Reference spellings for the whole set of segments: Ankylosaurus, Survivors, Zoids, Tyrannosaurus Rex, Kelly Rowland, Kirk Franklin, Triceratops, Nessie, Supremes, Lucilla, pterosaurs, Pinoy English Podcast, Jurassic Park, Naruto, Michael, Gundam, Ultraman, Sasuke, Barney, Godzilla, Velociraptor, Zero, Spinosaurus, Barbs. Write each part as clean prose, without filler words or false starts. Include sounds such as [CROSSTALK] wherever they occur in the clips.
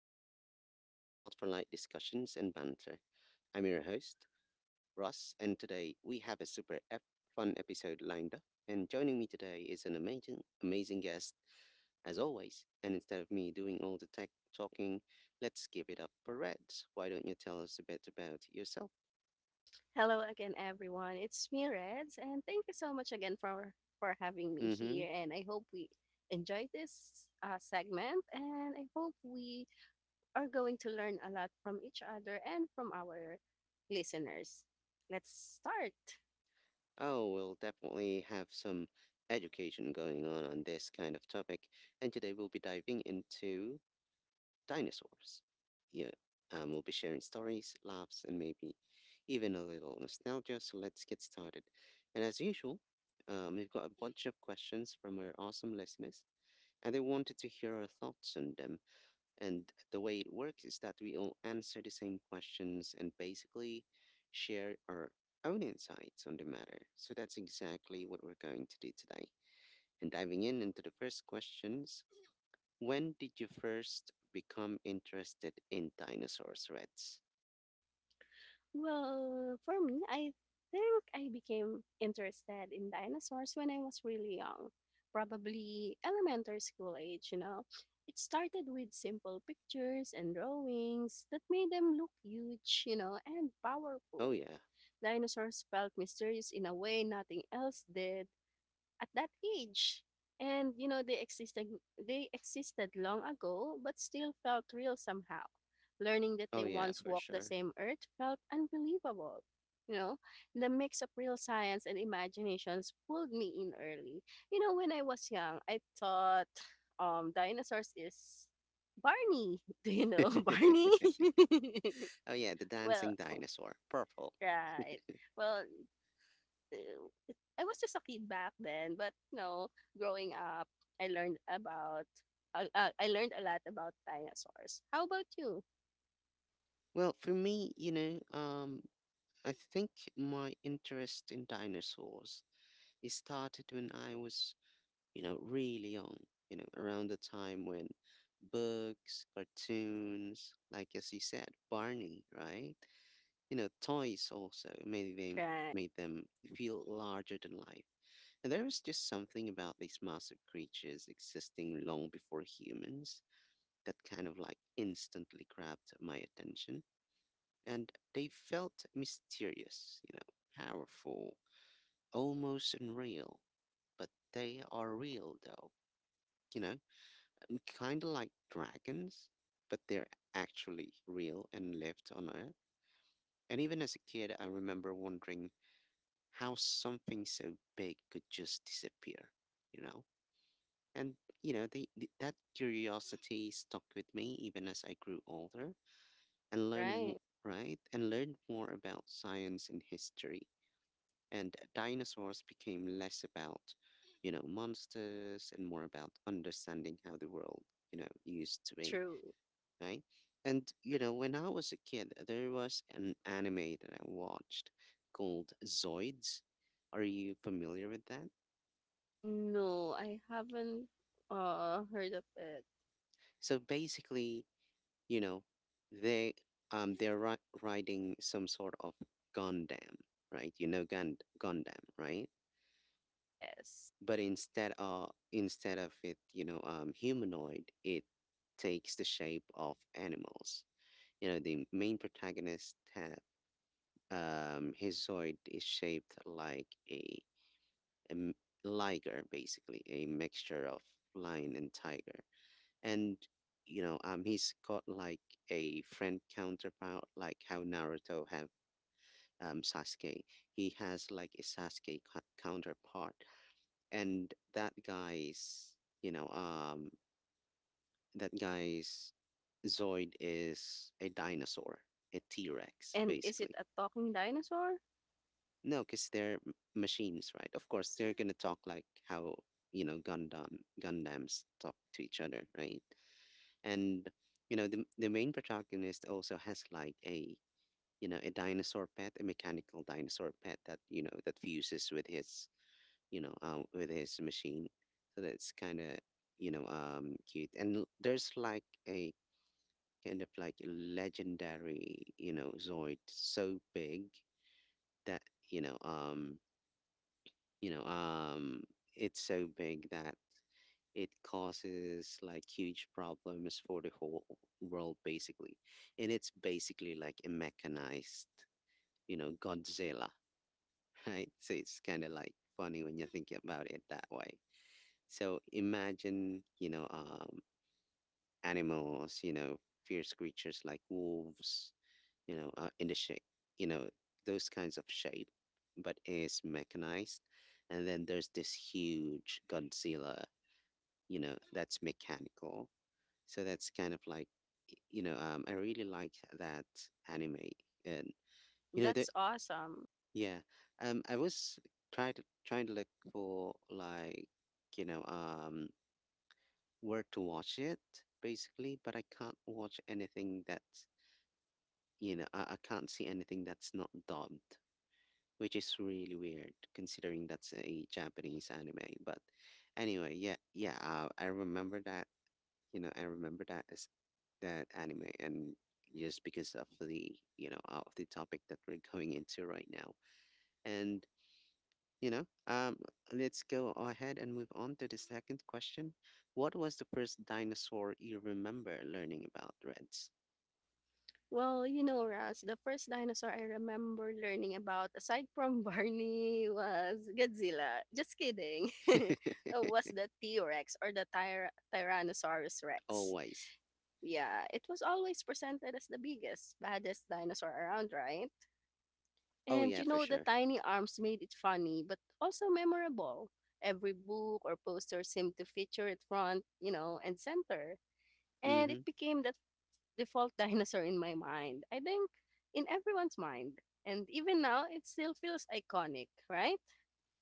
Podcast, your spot for light discussions and banter. I'm your host, Russ, and today we have a fun episode lined up. And joining me today is an amazing, amazing guest, as always. And instead of me doing all the tech talking, let's give it up for Reds. Why don't you tell us a bit about yourself? Hello again, everyone. It's me, Reds, and thank you so much again for having me Mm-hmm. here. And I hope we enjoy this segment, and I hope we are going to learn a lot from each other and from our listeners. Let's start. Oh, we'll definitely have some education going on this kind of topic, and today we'll be diving into dinosaurs. Yeah, we'll be sharing stories, laughs, and maybe even a little nostalgia. So let's get started. And as usual, we've got a bunch of questions from our awesome listeners, and they wanted to hear our thoughts on them. And the way it works is that we all answer the same questions and basically share our own insights on the matter. So that's exactly what we're going to do today. And diving in into the first questions, when did you first become interested in dinosaurs, Reds? Well, for me, I think I became interested in dinosaurs when I was really young, probably elementary school age, you know. It started with simple pictures and drawings that made them look huge, you know, and Oh, powerful. yeah. Dinosaurs felt mysterious in a way nothing else did, at that age. And you know, they existed long ago but still felt real somehow. Learning that Oh, they yeah, once for walked the sure. same earth felt unbelievable. You know, the mix of real science and imaginations pulled me in early. You know, when I was young, I thought dinosaurs is Barney. [LAUGHS] Do you know [LAUGHS] Barney? Oh, yeah, the [LAUGHS] Well, dancing dinosaur, purple. right. Well, uh, I was just a kid back then, but you know, growing up, I learned about I learned a lot about dinosaurs. How about you? Well, for me, you know, I think my interest in dinosaurs, it started when I was, you know, really young, you know, around the time when books, cartoons, like as you said, Barney, right? You know, toys also Right, made them feel larger than life. There is just something about these massive creatures existing long before humans that kind of like instantly grabbed my attention. And they felt mysterious, you know, powerful, almost unreal. But they are real though, you know, kind of like dragons, but they're actually real and lived on Earth. And even as a kid, I remember wondering how something so big could just disappear, you know? And you know, that curiosity stuck with me even as I grew older and learned more, right, right? And learned more about science and history. And dinosaurs became less about, you know, monsters and more about understanding how the world, you know, used to be, true. right? And you know, when I was a kid, there was an anime that I watched called Zoids. Are you familiar with that? No, I haven't heard of it. So basically, you know, they they're riding some sort of Gundam, right? You know, Gundam, right? Yes, But instead of it, you know, humanoid, it takes the shape of animals. You know, the main protagonist have his Zoid is shaped like a liger, basically a mixture of lion and tiger. And you know, he's got like a friend counterpart like how Naruto have Sasuke. He has like a counterpart, and that guy's, you know, that guy's Zoid is a dinosaur, a T-Rex and is it basically. a talking dinosaur? No, because they're machines, right? Of course they're gonna talk like how, you know, Gundams talk to each other, right? And you know, the main protagonist also has like a, you know, a dinosaur pet, a mechanical dinosaur pet that, you know, that fuses with his, you know, with his machine. So that's kind of, you know, cute. And there's like a kind of like a legendary, you know, Zoid so big that, you know um you know um it's so big that it causes like huge problems for the whole world basically. And it's basically like a mechanized, you know, Godzilla. [LAUGHS] Right, so it's kind of like funny when you think about it that way. So imagine, you know, animals, you know, fierce creatures like wolves, you know, in the shape, you know, those kinds of shape, but is mechanized. And then there's this huge Godzilla, you know, that's mechanical. So that's kind of like, you know, I really like that anime. And you know the, That's awesome. yeah, I was trying to look for like, you know, where to watch it basically, but I can't watch anything that's, you know, I can't see anything that's not dubbed, which is really weird considering that's a Japanese anime. But anyway, yeah, yeah, I remember that, you know, I remember that as that anime. And just because of the, you know, of the topic that we're going into right now, and you know, let's go ahead and move on to the second question. What was the first dinosaur you remember learning about, Reds? Well, you know, Raz, the first dinosaur I remember learning about, aside from [LAUGHS] Barney, was Godzilla. Just kidding. [LAUGHS] [LAUGHS] Was the T Rex or the Tyrannosaurus Rex. Always. Yeah, it was always presented as the biggest, baddest dinosaur around, right? Oh And yeah, you for know, the sure. tiny arms made it funny, but also memorable. Every book or poster seemed to feature it front, you know, and center. And it Mm-hmm. became that default [LAUGHS] dinosaur in my mind. I think in everyone's mind. And even now, it still feels iconic, right?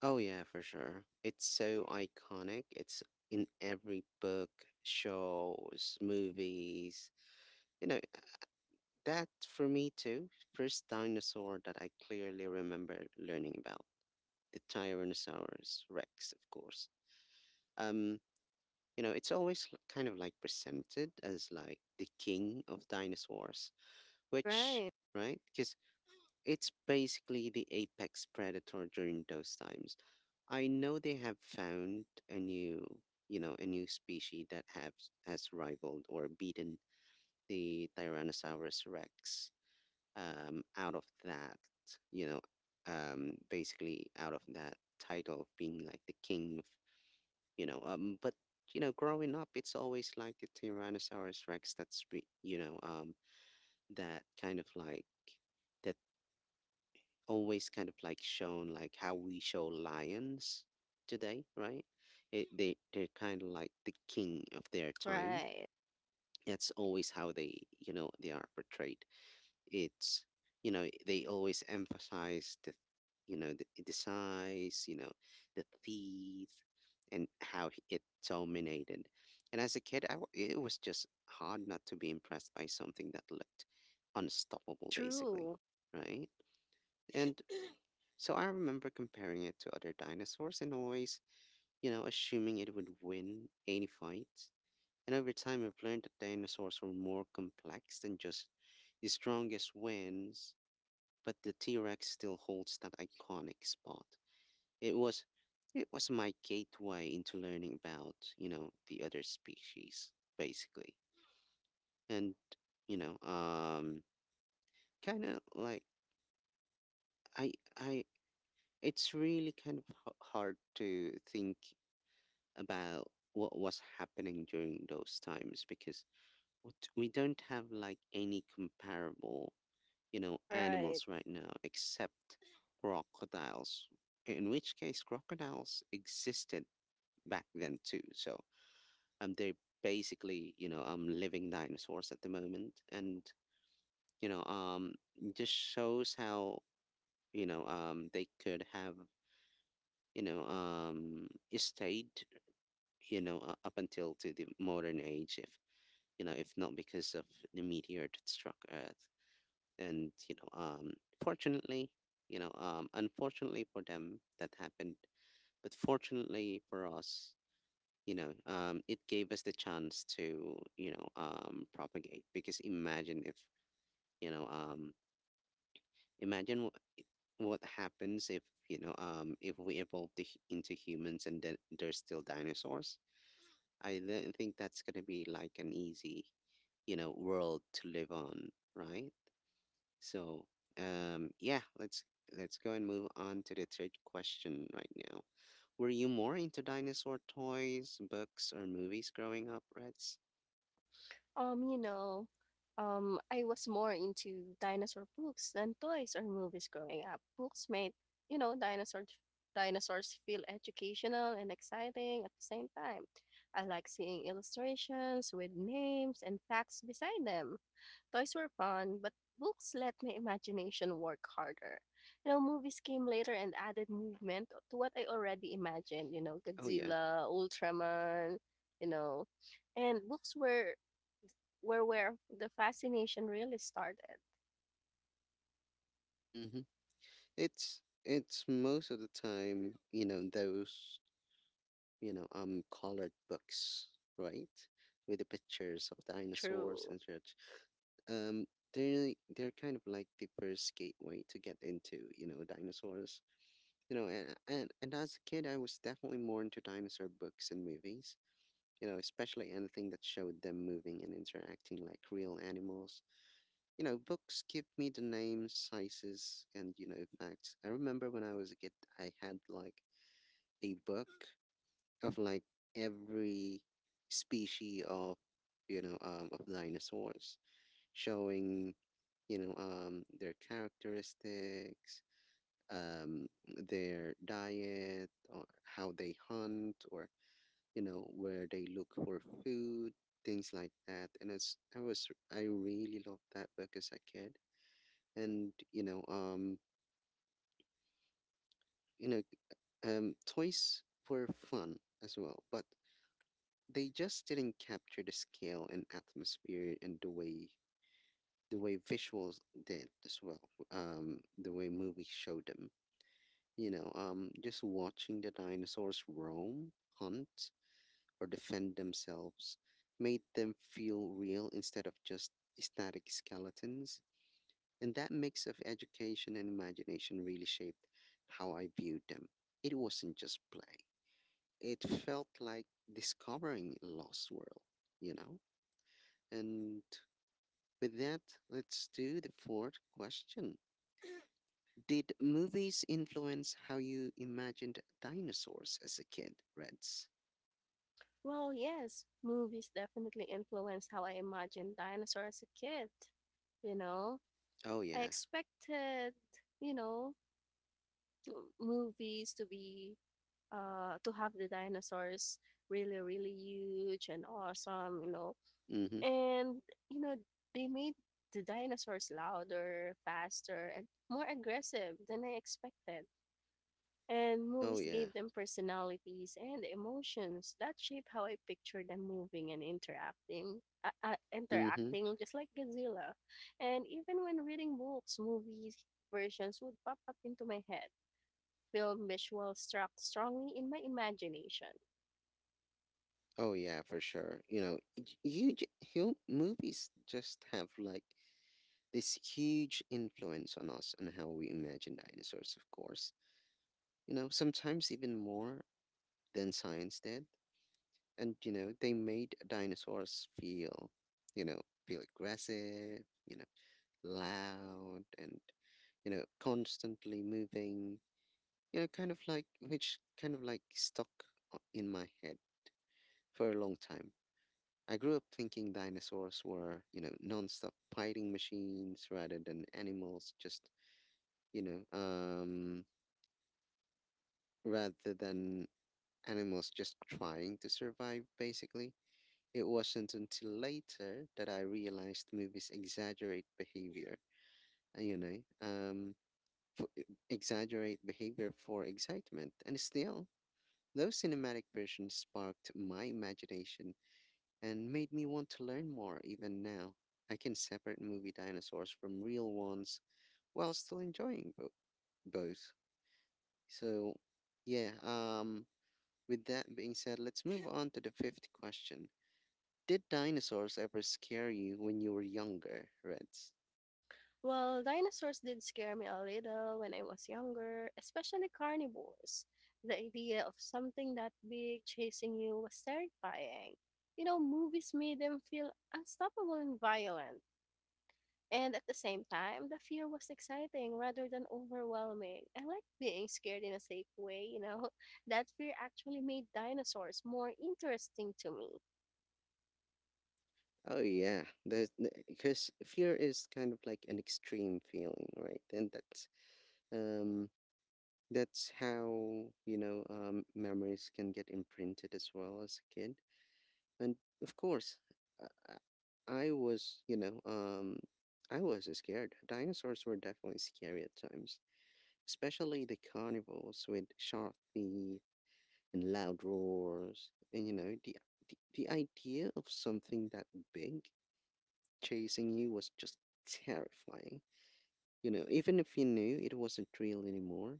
Oh yeah, for sure. It's so iconic. It's in every book, shows, movies. You know, that for me too. First dinosaur that I clearly remember learning about, the Tyrannosaurus Rex, of course. Um, you know, it's always kind of like presented as like the king of dinosaurs, which, Right, right, because it's basically the apex predator during those times. I know they have found a new, you know, a new species that has rivaled or beaten the Tyrannosaurus Rex, out of that, you know, basically out of that title of being like the king of, you know, but you know, growing up, it's always like the Tyrannosaurus Rex that's, you know, that kind of like that always kind of like shown like how we show lions today, right? It, they they're kind of like the king of their time. right. That's always how they, you know, they are portrayed. It's, you know, they always emphasize the, you know, the size, you know, the teeth, and how it dominated. And as a kid, it was just hard not to be impressed by something that looked unstoppable basically, True, right? And so I remember comparing it to other dinosaurs and always, you know, assuming it would win any fight. And over time, I've learned that dinosaurs were more complex than just the strongest wins, but the T-Rex still holds that iconic spot. It was it was my gateway into learning about, you know, the other species basically. And you know, kind of like I I it's really kind of hard to think about what was happening during those times, because we don't have like any comparable, you know, right. animals right now except crocodiles, in which case crocodiles existed back then too. So they're basically, you know, living dinosaurs at the moment. And you know, it just shows how, you know, they could have, you know, stayed, you know, up until to the modern age if, you know, if not because of the meteor that struck Earth. And you know, fortunately, you know, unfortunately for them that happened, but fortunately for us, you know, it gave us the chance to, you know, propagate, because imagine if, you know, imagine what happens if, you know, if we evolve into humans and then there's still dinosaurs. I don't think that's going to be like an easy, you know, world to live on, right? So, yeah, let's go and move on to the third question right now. Were you more into dinosaur toys, books, or movies growing up, Reds? Um, you know, I was more into dinosaur books than toys or movies growing up. Books made, you know, dinosaurs feel educational and exciting at the same time. I like seeing illustrations with names and facts beside them. Toys were fun, but books let my imagination work harder. You know, movies came later and added movement to what I already imagined, you know, Oh yeah. Godzilla, Ultraman, you know. And books were where the fascination really started. Mm-hmm. It's most of the time, you know, those, you know, colored books, right? With the pictures of dinosaurs True. and such. Um they're kind of like the first gateway to get into, you know, dinosaurs. You know, and and as a kid, I was definitely more into dinosaur books and movies. You know, especially anything that showed them moving and interacting like real animals. You know, books give me the names, sizes, and you know facts. I remember when I was a kid, I had like a book of like every species of, you know, of dinosaurs, showing, you know, their characteristics, um, their diet or how they hunt or, you know, where they look for food, things like that. And it's, I was, I really loved that book as a kid. And you know, you know, toys were fun as well, but they just didn't capture the scale and atmosphere and the way visuals did as well, the way movies showed them. You know, just watching the dinosaurs roam, hunt, or defend themselves made them feel real instead of just static skeletons. And that mix of education and imagination really shaped how I viewed them. It wasn't just play, it felt like discovering a lost world, you know? And with that, let's do the fourth question. Did movies influence how you imagined dinosaurs as a kid, Reds? Well, yes, movies definitely influenced how I imagined dinosaurs as a kid, you know. Oh I yeah. expected, you know, movies to be to have the dinosaurs really, really huge and awesome, you know. Mm-hmm. And, you know, they made the dinosaurs louder, faster, and more aggressive than I expected. And Oh movies yeah. gave them personalities and emotions that shape how I picture them moving and interacting. Mm-hmm. Interacting just like Godzilla. And even when reading books, movies versions would pop up into my head film visuals struck strongly in my imagination. Oh yeah, for sure. You know, you movies just have like this huge influence on us and how we imagine dinosaurs, of course. You know, sometimes even more than science did. And they made dinosaurs feel, you know, feel aggressive, loud and constantly moving which kind of like stuck in my head for a long time. I grew up thinking dinosaurs were, non-stop fighting machines rather than animals just, you know, rather than animals just trying to survive, basically. It wasn't until later that I realized movies exaggerate behavior, you know, for, e, exaggerate behavior for excitement. And still, those cinematic versions sparked my imagination and made me want to learn more even now. I can separate movie dinosaurs from real ones while still enjoying both. So, yeah, with that being said, let's move on to the fifth question. Did dinosaurs ever scare you when you were younger, Reds? Well, dinosaurs did scare me a little when I was younger, especially carnivores. The idea of something that big chasing you was terrifying. You know, movies made them feel unstoppable and violent. And at the same time, the fear was exciting rather than overwhelming. I like being scared in a safe way, you know. [LAUGHS] That fear actually made dinosaurs more interesting to me. Oh, yeah. Because fear is kind of like an extreme feeling, right? Um, that's how, memories can get imprinted as well as a kid. And of course, I, I I was, I was scared. Dinosaurs were definitely scary at times, especially the carnivores with sharp teeth and loud roars. And the idea of something that big chasing you was just terrifying. You know, even if you knew it wasn't real anymore.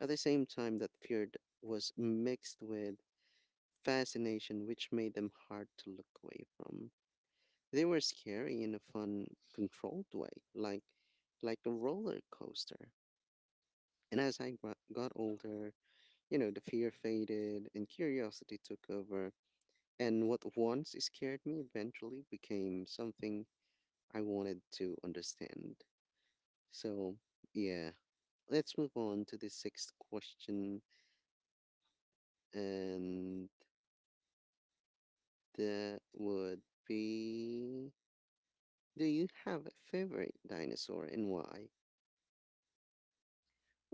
At the same time, that fear was mixed with fascination, which made them hard to look away from. They were scary in a fun, controlled way, like a roller coaster. And as I got older, you know, the fear faded and curiosity took over. And what once scared me eventually became something I wanted to understand. So, yeah, let's move on to the sixth question. And that would be, do you have a favorite dinosaur and why?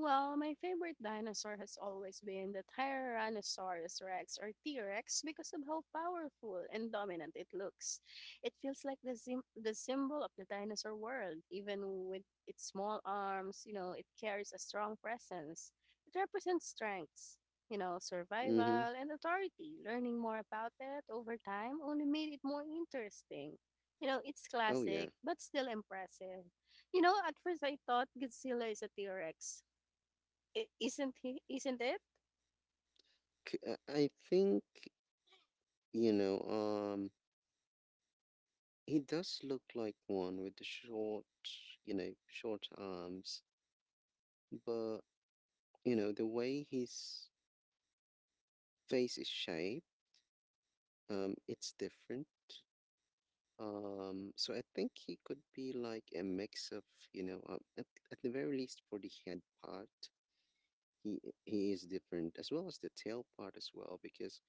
Well, my favorite dinosaur has always been the Tyrannosaurus Rex or T Rex because of how powerful and dominant it looks. It feels like the, the symbol of the dinosaur world, even with its small arms, you know, it carries a strong presence. It represents strengths, you know, Mm hmm. survival and authority. Learning more about it over time only made it more interesting. You know, it's Oh, yeah. classic, but still impressive. You know, at first I thought Godzilla is a T-Rex. I- isn't he? Isn't it? I think, you know, um, he does look like one with the short, short arms, but, the way his face is shaped, it's different. So I think he could be like a mix of, at the very least for the head part, he he is different as well as the tail part as well because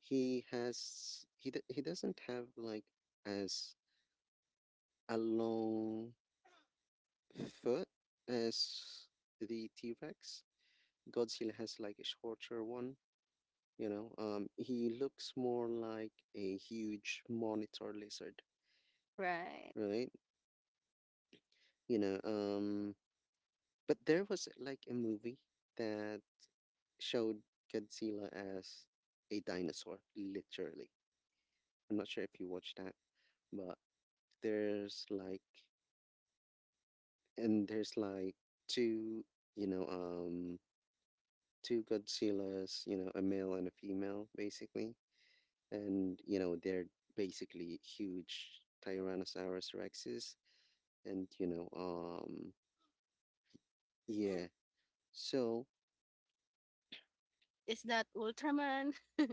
he has he d- he doesn't have like as a long foot as the T-Rex. Godzilla has like a shorter one, you know. He looks more like a huge monitor lizard, Right. right? You know, um, but there was like a movie that showed Godzilla as a dinosaur, literally. I'm not sure if you watched that, but there's like, there's like two, you know, um, two Godzillas, you know, a male and a female, basically. And you know they're basically huge tyrannosaurus rexes and yeah, so. Is that Ultraman? [LAUGHS]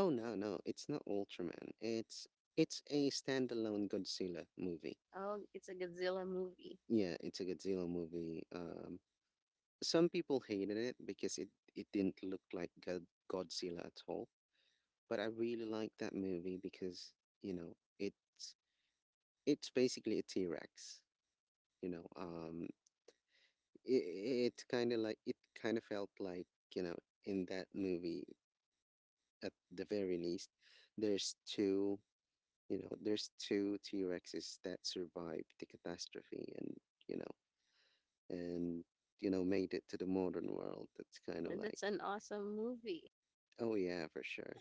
Oh no, no, it's not ultraman, it's a standalone godzilla movie. Oh, it's a Godzilla movie. Yeah, it's a godzilla movie. Some people hated it because it didn't look like godzilla at all, but I really like that movie because, you know, it's it's basically a t-rex. you know um it kind of like it kind of felt like, you know, in that movie at the very least there's two there's two t-rexes that survived the catastrophe, and you know and you know made it to the modern world. That's kind of Well, like, that's an awesome movie. oh yeah, for sure.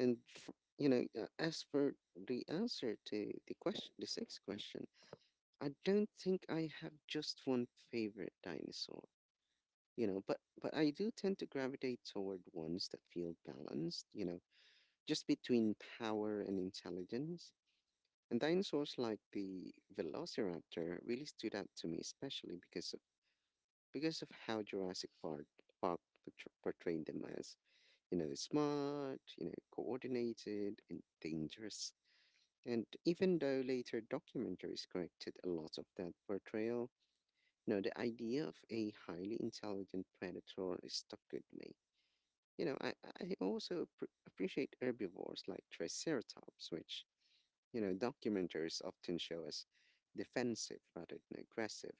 and f you know as for the answer to the question, the sixth question, I don't think I have just one favorite dinosaur, you know, but I do tend to gravitate toward ones that feel balanced, you know, just between power and intelligence. And dinosaurs like the velociraptor really stood out to me especially because of how jurassic park portrayed them as, you know, smart, you know, coordinated and dangerous. And even though later documentaries corrected a lot of that portrayal, you know, the idea of a highly intelligent predator is stuck with me. You know, I, I also appreciate herbivores like Triceratops, which, you know, documentaries often show as defensive rather than aggressive.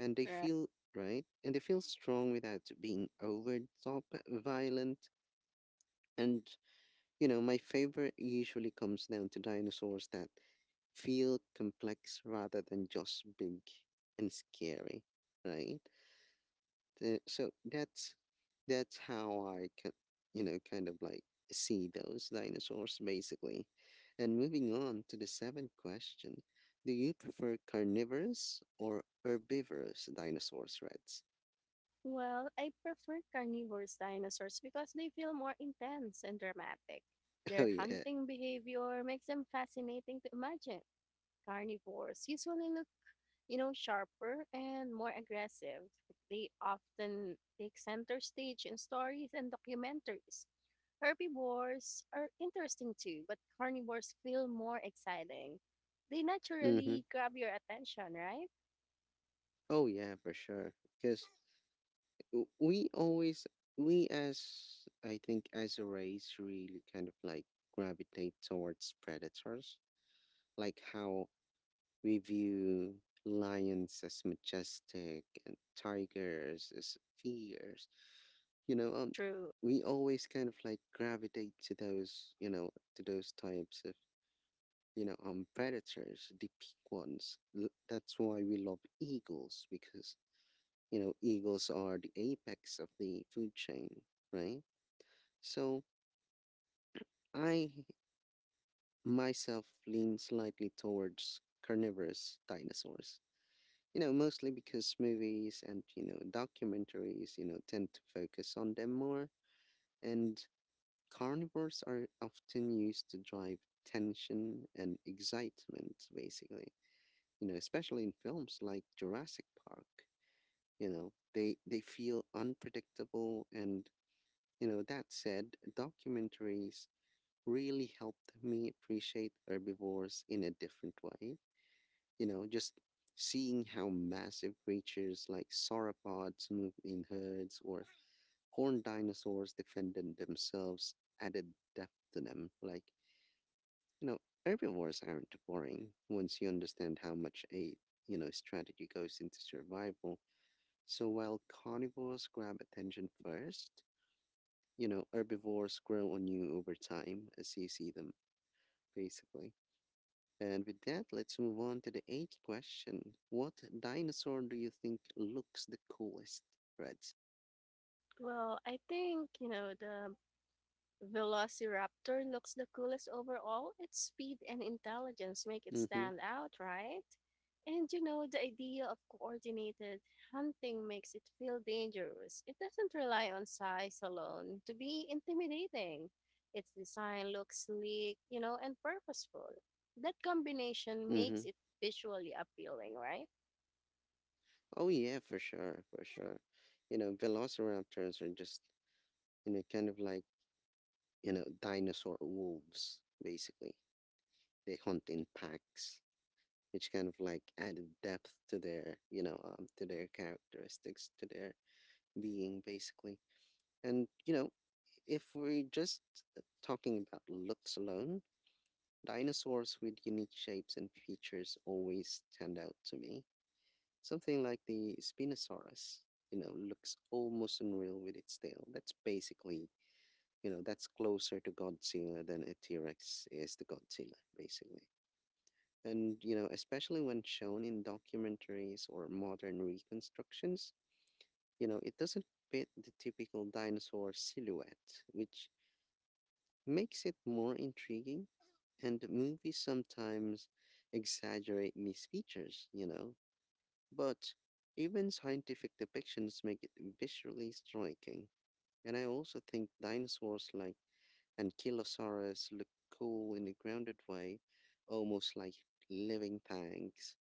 And they Right. feel, right? And they feel strong without being over the top violent. And, you know, my favorite usually comes down to dinosaurs that feel complex rather than just big and scary, right? So that's how I can, you know, kind of like see those dinosaurs basically. And moving on to the seventh question, do you prefer carnivorous or herbivorous dinosaurs, Reds? Well, I prefer carnivorous dinosaurs because they feel more intense and dramatic. [LAUGHS] Oh Their yeah. hunting behavior makes them fascinating to imagine. Carnivores usually look, you know, sharper and more aggressive. They often take center stage in stories and documentaries. Herbivores are interesting too, but carnivores feel more exciting. They Mm-hmm. naturally grab your attention, right? Oh yeah, for sure. Because we always, we, as I think as a race, really kind of like gravitate towards predators. Like how we view lions as majestic and tigers as fierce. You know, um, True. we always kind of like gravitate to those, you know, to those types of, predators, the big ones. That's why we love eagles because, you know, eagles are the apex of the food chain, right? So I myself lean slightly towards carnivorous dinosaurs. You know, mostly because movies and, you know, documentaries, you know, tend to focus on them more. And carnivores are often used to drive tension and excitement, basically. You know, especially in films like Jurassic Park, you know, they feel unpredictable and, you know, that said, documentaries really helped me appreciate herbivores in a different way. You know, just seeing how massive creatures like sauropods move in herds or horned dinosaurs defended themselves added depth to them. Like, you know, herbivores aren't boring once you understand how much you know, strategy goes into survival. So while carnivores grab attention first, you know, herbivores grow on you over time as you see them, basically. And with that, let's move on to the eighth question. What dinosaur do you think looks the coolest, Reds? Well, I think, you know, the Velociraptor looks the coolest overall. Its speed and intelligence make it Mm-hmm. stand out, right? And you know, the idea of coordinated hunting makes it feel dangerous. It doesn't rely on size alone to be intimidating. Its design looks sleek, you know, and purposeful. That combination Mm-hmm. makes it visually appealing, right? Oh yeah, for sure, for sure. You know, velociraptors are just, you know, kind of like, you know, dinosaur wolves, basically. They hunt in packs, which kind of like added depth to their, to their characteristics, to their being, basically. And, you know, if we're just uh, talking about looks alone, dinosaurs with unique shapes and features always stand out to me. Something like the Spinosaurus, you know, looks almost unreal with its tail. That's basically, you know, that's closer to Godzilla than a T Rex is to Godzilla, basically. And, you know, especially when shown in documentaries or modern reconstructions, you know, it doesn't fit the typical dinosaur silhouette, which makes it more intriguing. And movies sometimes exaggerate these features, you know, but even scientific depictions make it visually striking. And I also think dinosaurs like Ankylosaurus look cool in a grounded way, almost like living things.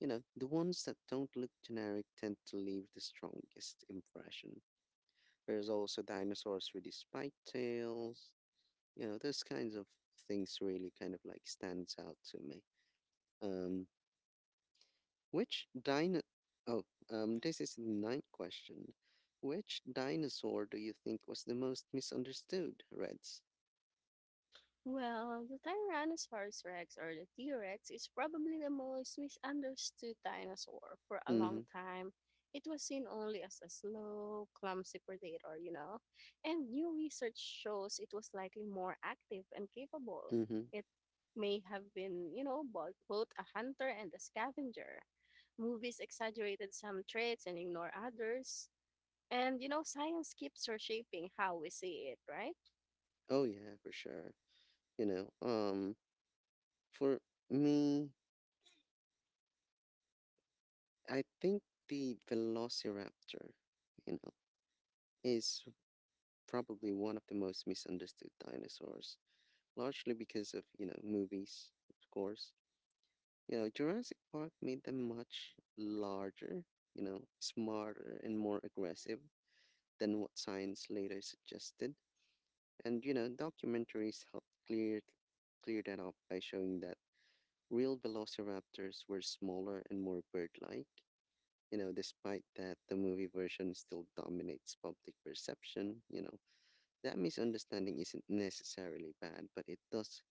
You know, the ones that don't look generic tend to leave the strongest impression. There's also dinosaurs with the spiked tails. You know, those kinds of things really kind of like stands out to me. Um, which dino? Oh, this is the ninth question. Which dinosaur do you think was the most misunderstood, Reds? Well, the Tyrannosaurus rex or the T Rex is probably the most misunderstood dinosaur for a long Mm-hmm. time. It was seen only as a slow, clumsy predator, you know? And new research shows it was likely more active and capable. Mm-hmm. It may have been, you know, both a hunter and a scavenger. Movies exaggerated some traits and ignore others. And, you know, science keeps reshaping how we see it, right? Oh yeah, for sure. You know, um, for me, I think the Velociraptor, you know, is probably one of the most misunderstood dinosaurs, largely because of, you know, movies, of course. You know, Jurassic Park made them much larger, you know, smarter and more aggressive than what science later suggested. And you know, documentaries helped clear that up by showing that real velociraptors were smaller and more bird-like. You know, despite that, the movie version still dominates public perception. You know, that misunderstanding isn't necessarily bad, but it does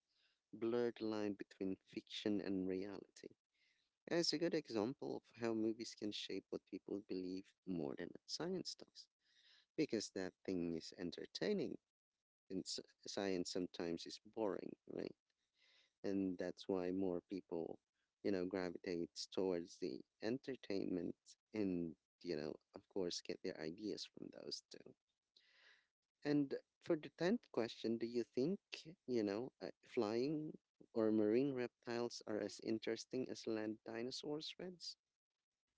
blur the line between fiction and reality. And it's a good example of how movies can shape what people believe more than science does. Because that thing is entertaining, and science sometimes is boring, right? And that's why more people, you know, gravitates towards the entertainment and, you know, of course, get their ideas from those two. And for the 10th question, do you think, flying or marine reptiles are as interesting as land dinosaurs, Reds?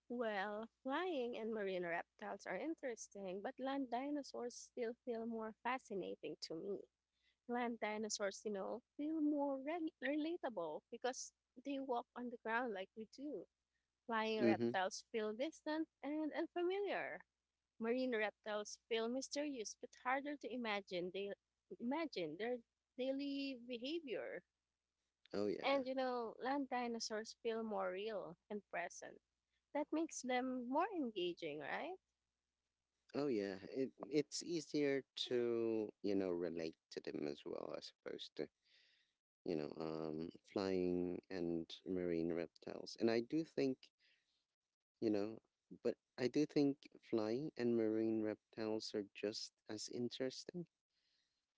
Well, flying and marine reptiles are interesting, but land dinosaurs still feel more fascinating to me. Land dinosaurs, you know, feel more relatable because they walk on the ground like we do. Flying Mm-hmm. reptiles feel distant and unfamiliar. Marine reptiles feel mysterious but harder to imagine. They imagine their daily behavior. Oh, yeah. And you know, land dinosaurs feel more real and present. That makes them more engaging, right? Oh yeah, it it's easier to, you know, relate to them as well as opposed to, flying and marine reptiles. And I do think, you know, but I do think flying and marine reptiles are just as interesting,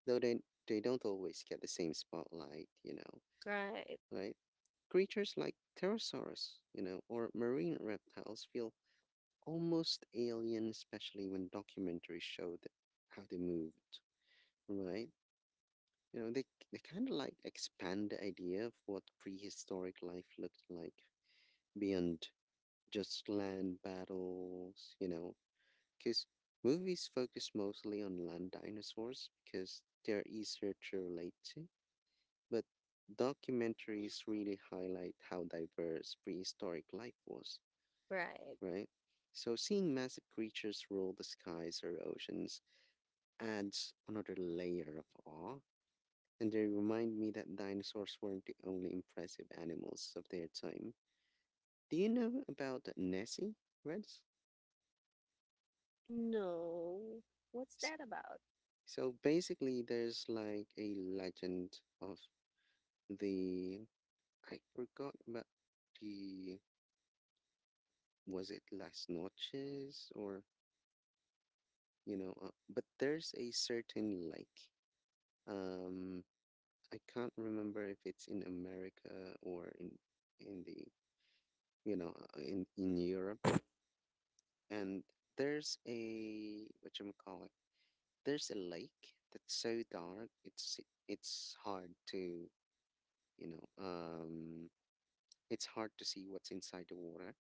though they don't always get the same spotlight. You know, Right, right? Creatures like pterosaurs, you know, or marine reptiles feel almost alien, especially when documentaries show how they moved, right? You know, they, they kind of like expand the idea of what prehistoric life looked like beyond just land battles, you know, because movies focus mostly on land dinosaurs because they're easier to relate to. But documentaries really highlight how diverse prehistoric life was, right. right? So seeing massive creatures rule the skies or oceans adds another layer of awe, and they remind me that dinosaurs weren't the only impressive animals of their time. Do you know about Nessie, Reds? No. What's S- that about? So basically, there's like a legend of the I forgot about the, was it Las Noches or, but there's a certain lake. Um, I can't remember if it's in America or in the you know in Europe. And there's a, what you call it, there's a lake that's so dark. It's hard to, you know um it's hard to see what's inside the water.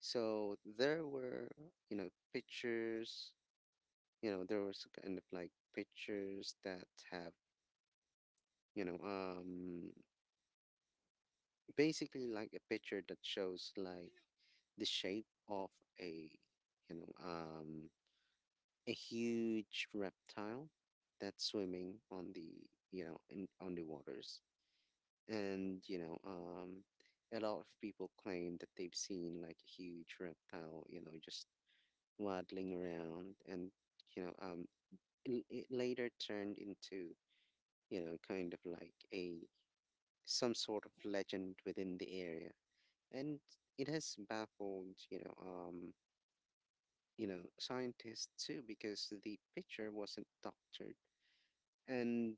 So there were, you know, pictures. You know, there was kind of like pictures that have, you know um basically like a picture that shows like the shape of a you know um a huge reptile that's swimming on the, you know, in on the waters. And a lot of people claim that they've seen like a huge reptile, you know, just waddling around. And you know um it later turned into, you know, kind of like a, some sort of legend within the area. And it has baffled, you know, scientists too because the picture wasn't doctored. And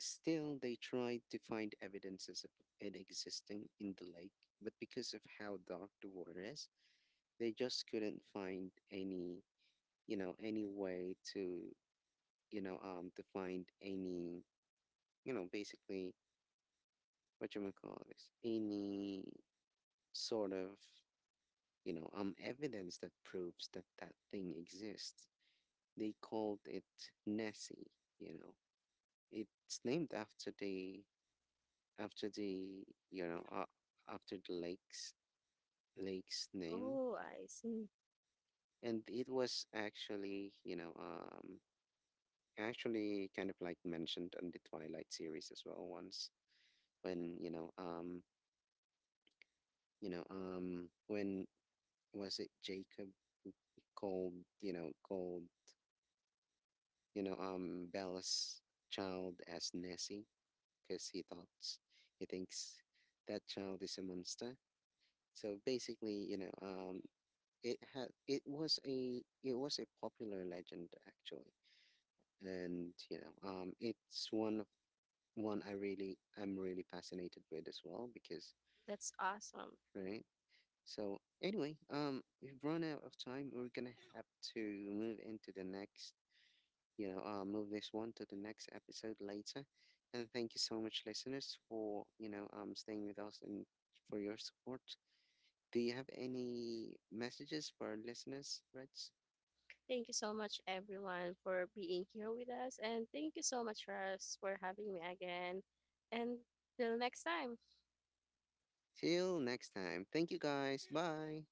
still, they tried to find evidences of it existing in the lake, but because of how dark the water is, they just couldn't find any, you know, any way to, to find any, you know, basically what you call this, any sort of, evidence that proves that that thing exists. They called it Nessie, you know. It's named after the you know uh, after the lake's name. Oh, I see. And it was actually, actually kind of like mentioned on the twilight series as well once when, when, was it jacob called, you know called bella's child as nessie because he thinks that child is a monster. So basically, it had, it was a popular legend, actually. And it's one of, one I really, I'm really fascinated with as well because, That's awesome. right. So anyway, we've run out of time. We're gonna have to move into the next, move this one to the next episode later. And thank you so much, listeners, for, staying with us and for your support. Do you have any messages for our listeners, Reg? Thank you so much, everyone, for being here with us. And thank you so much, Russ, for having me again. And till next time. Till next time. Thank you guys. Bye.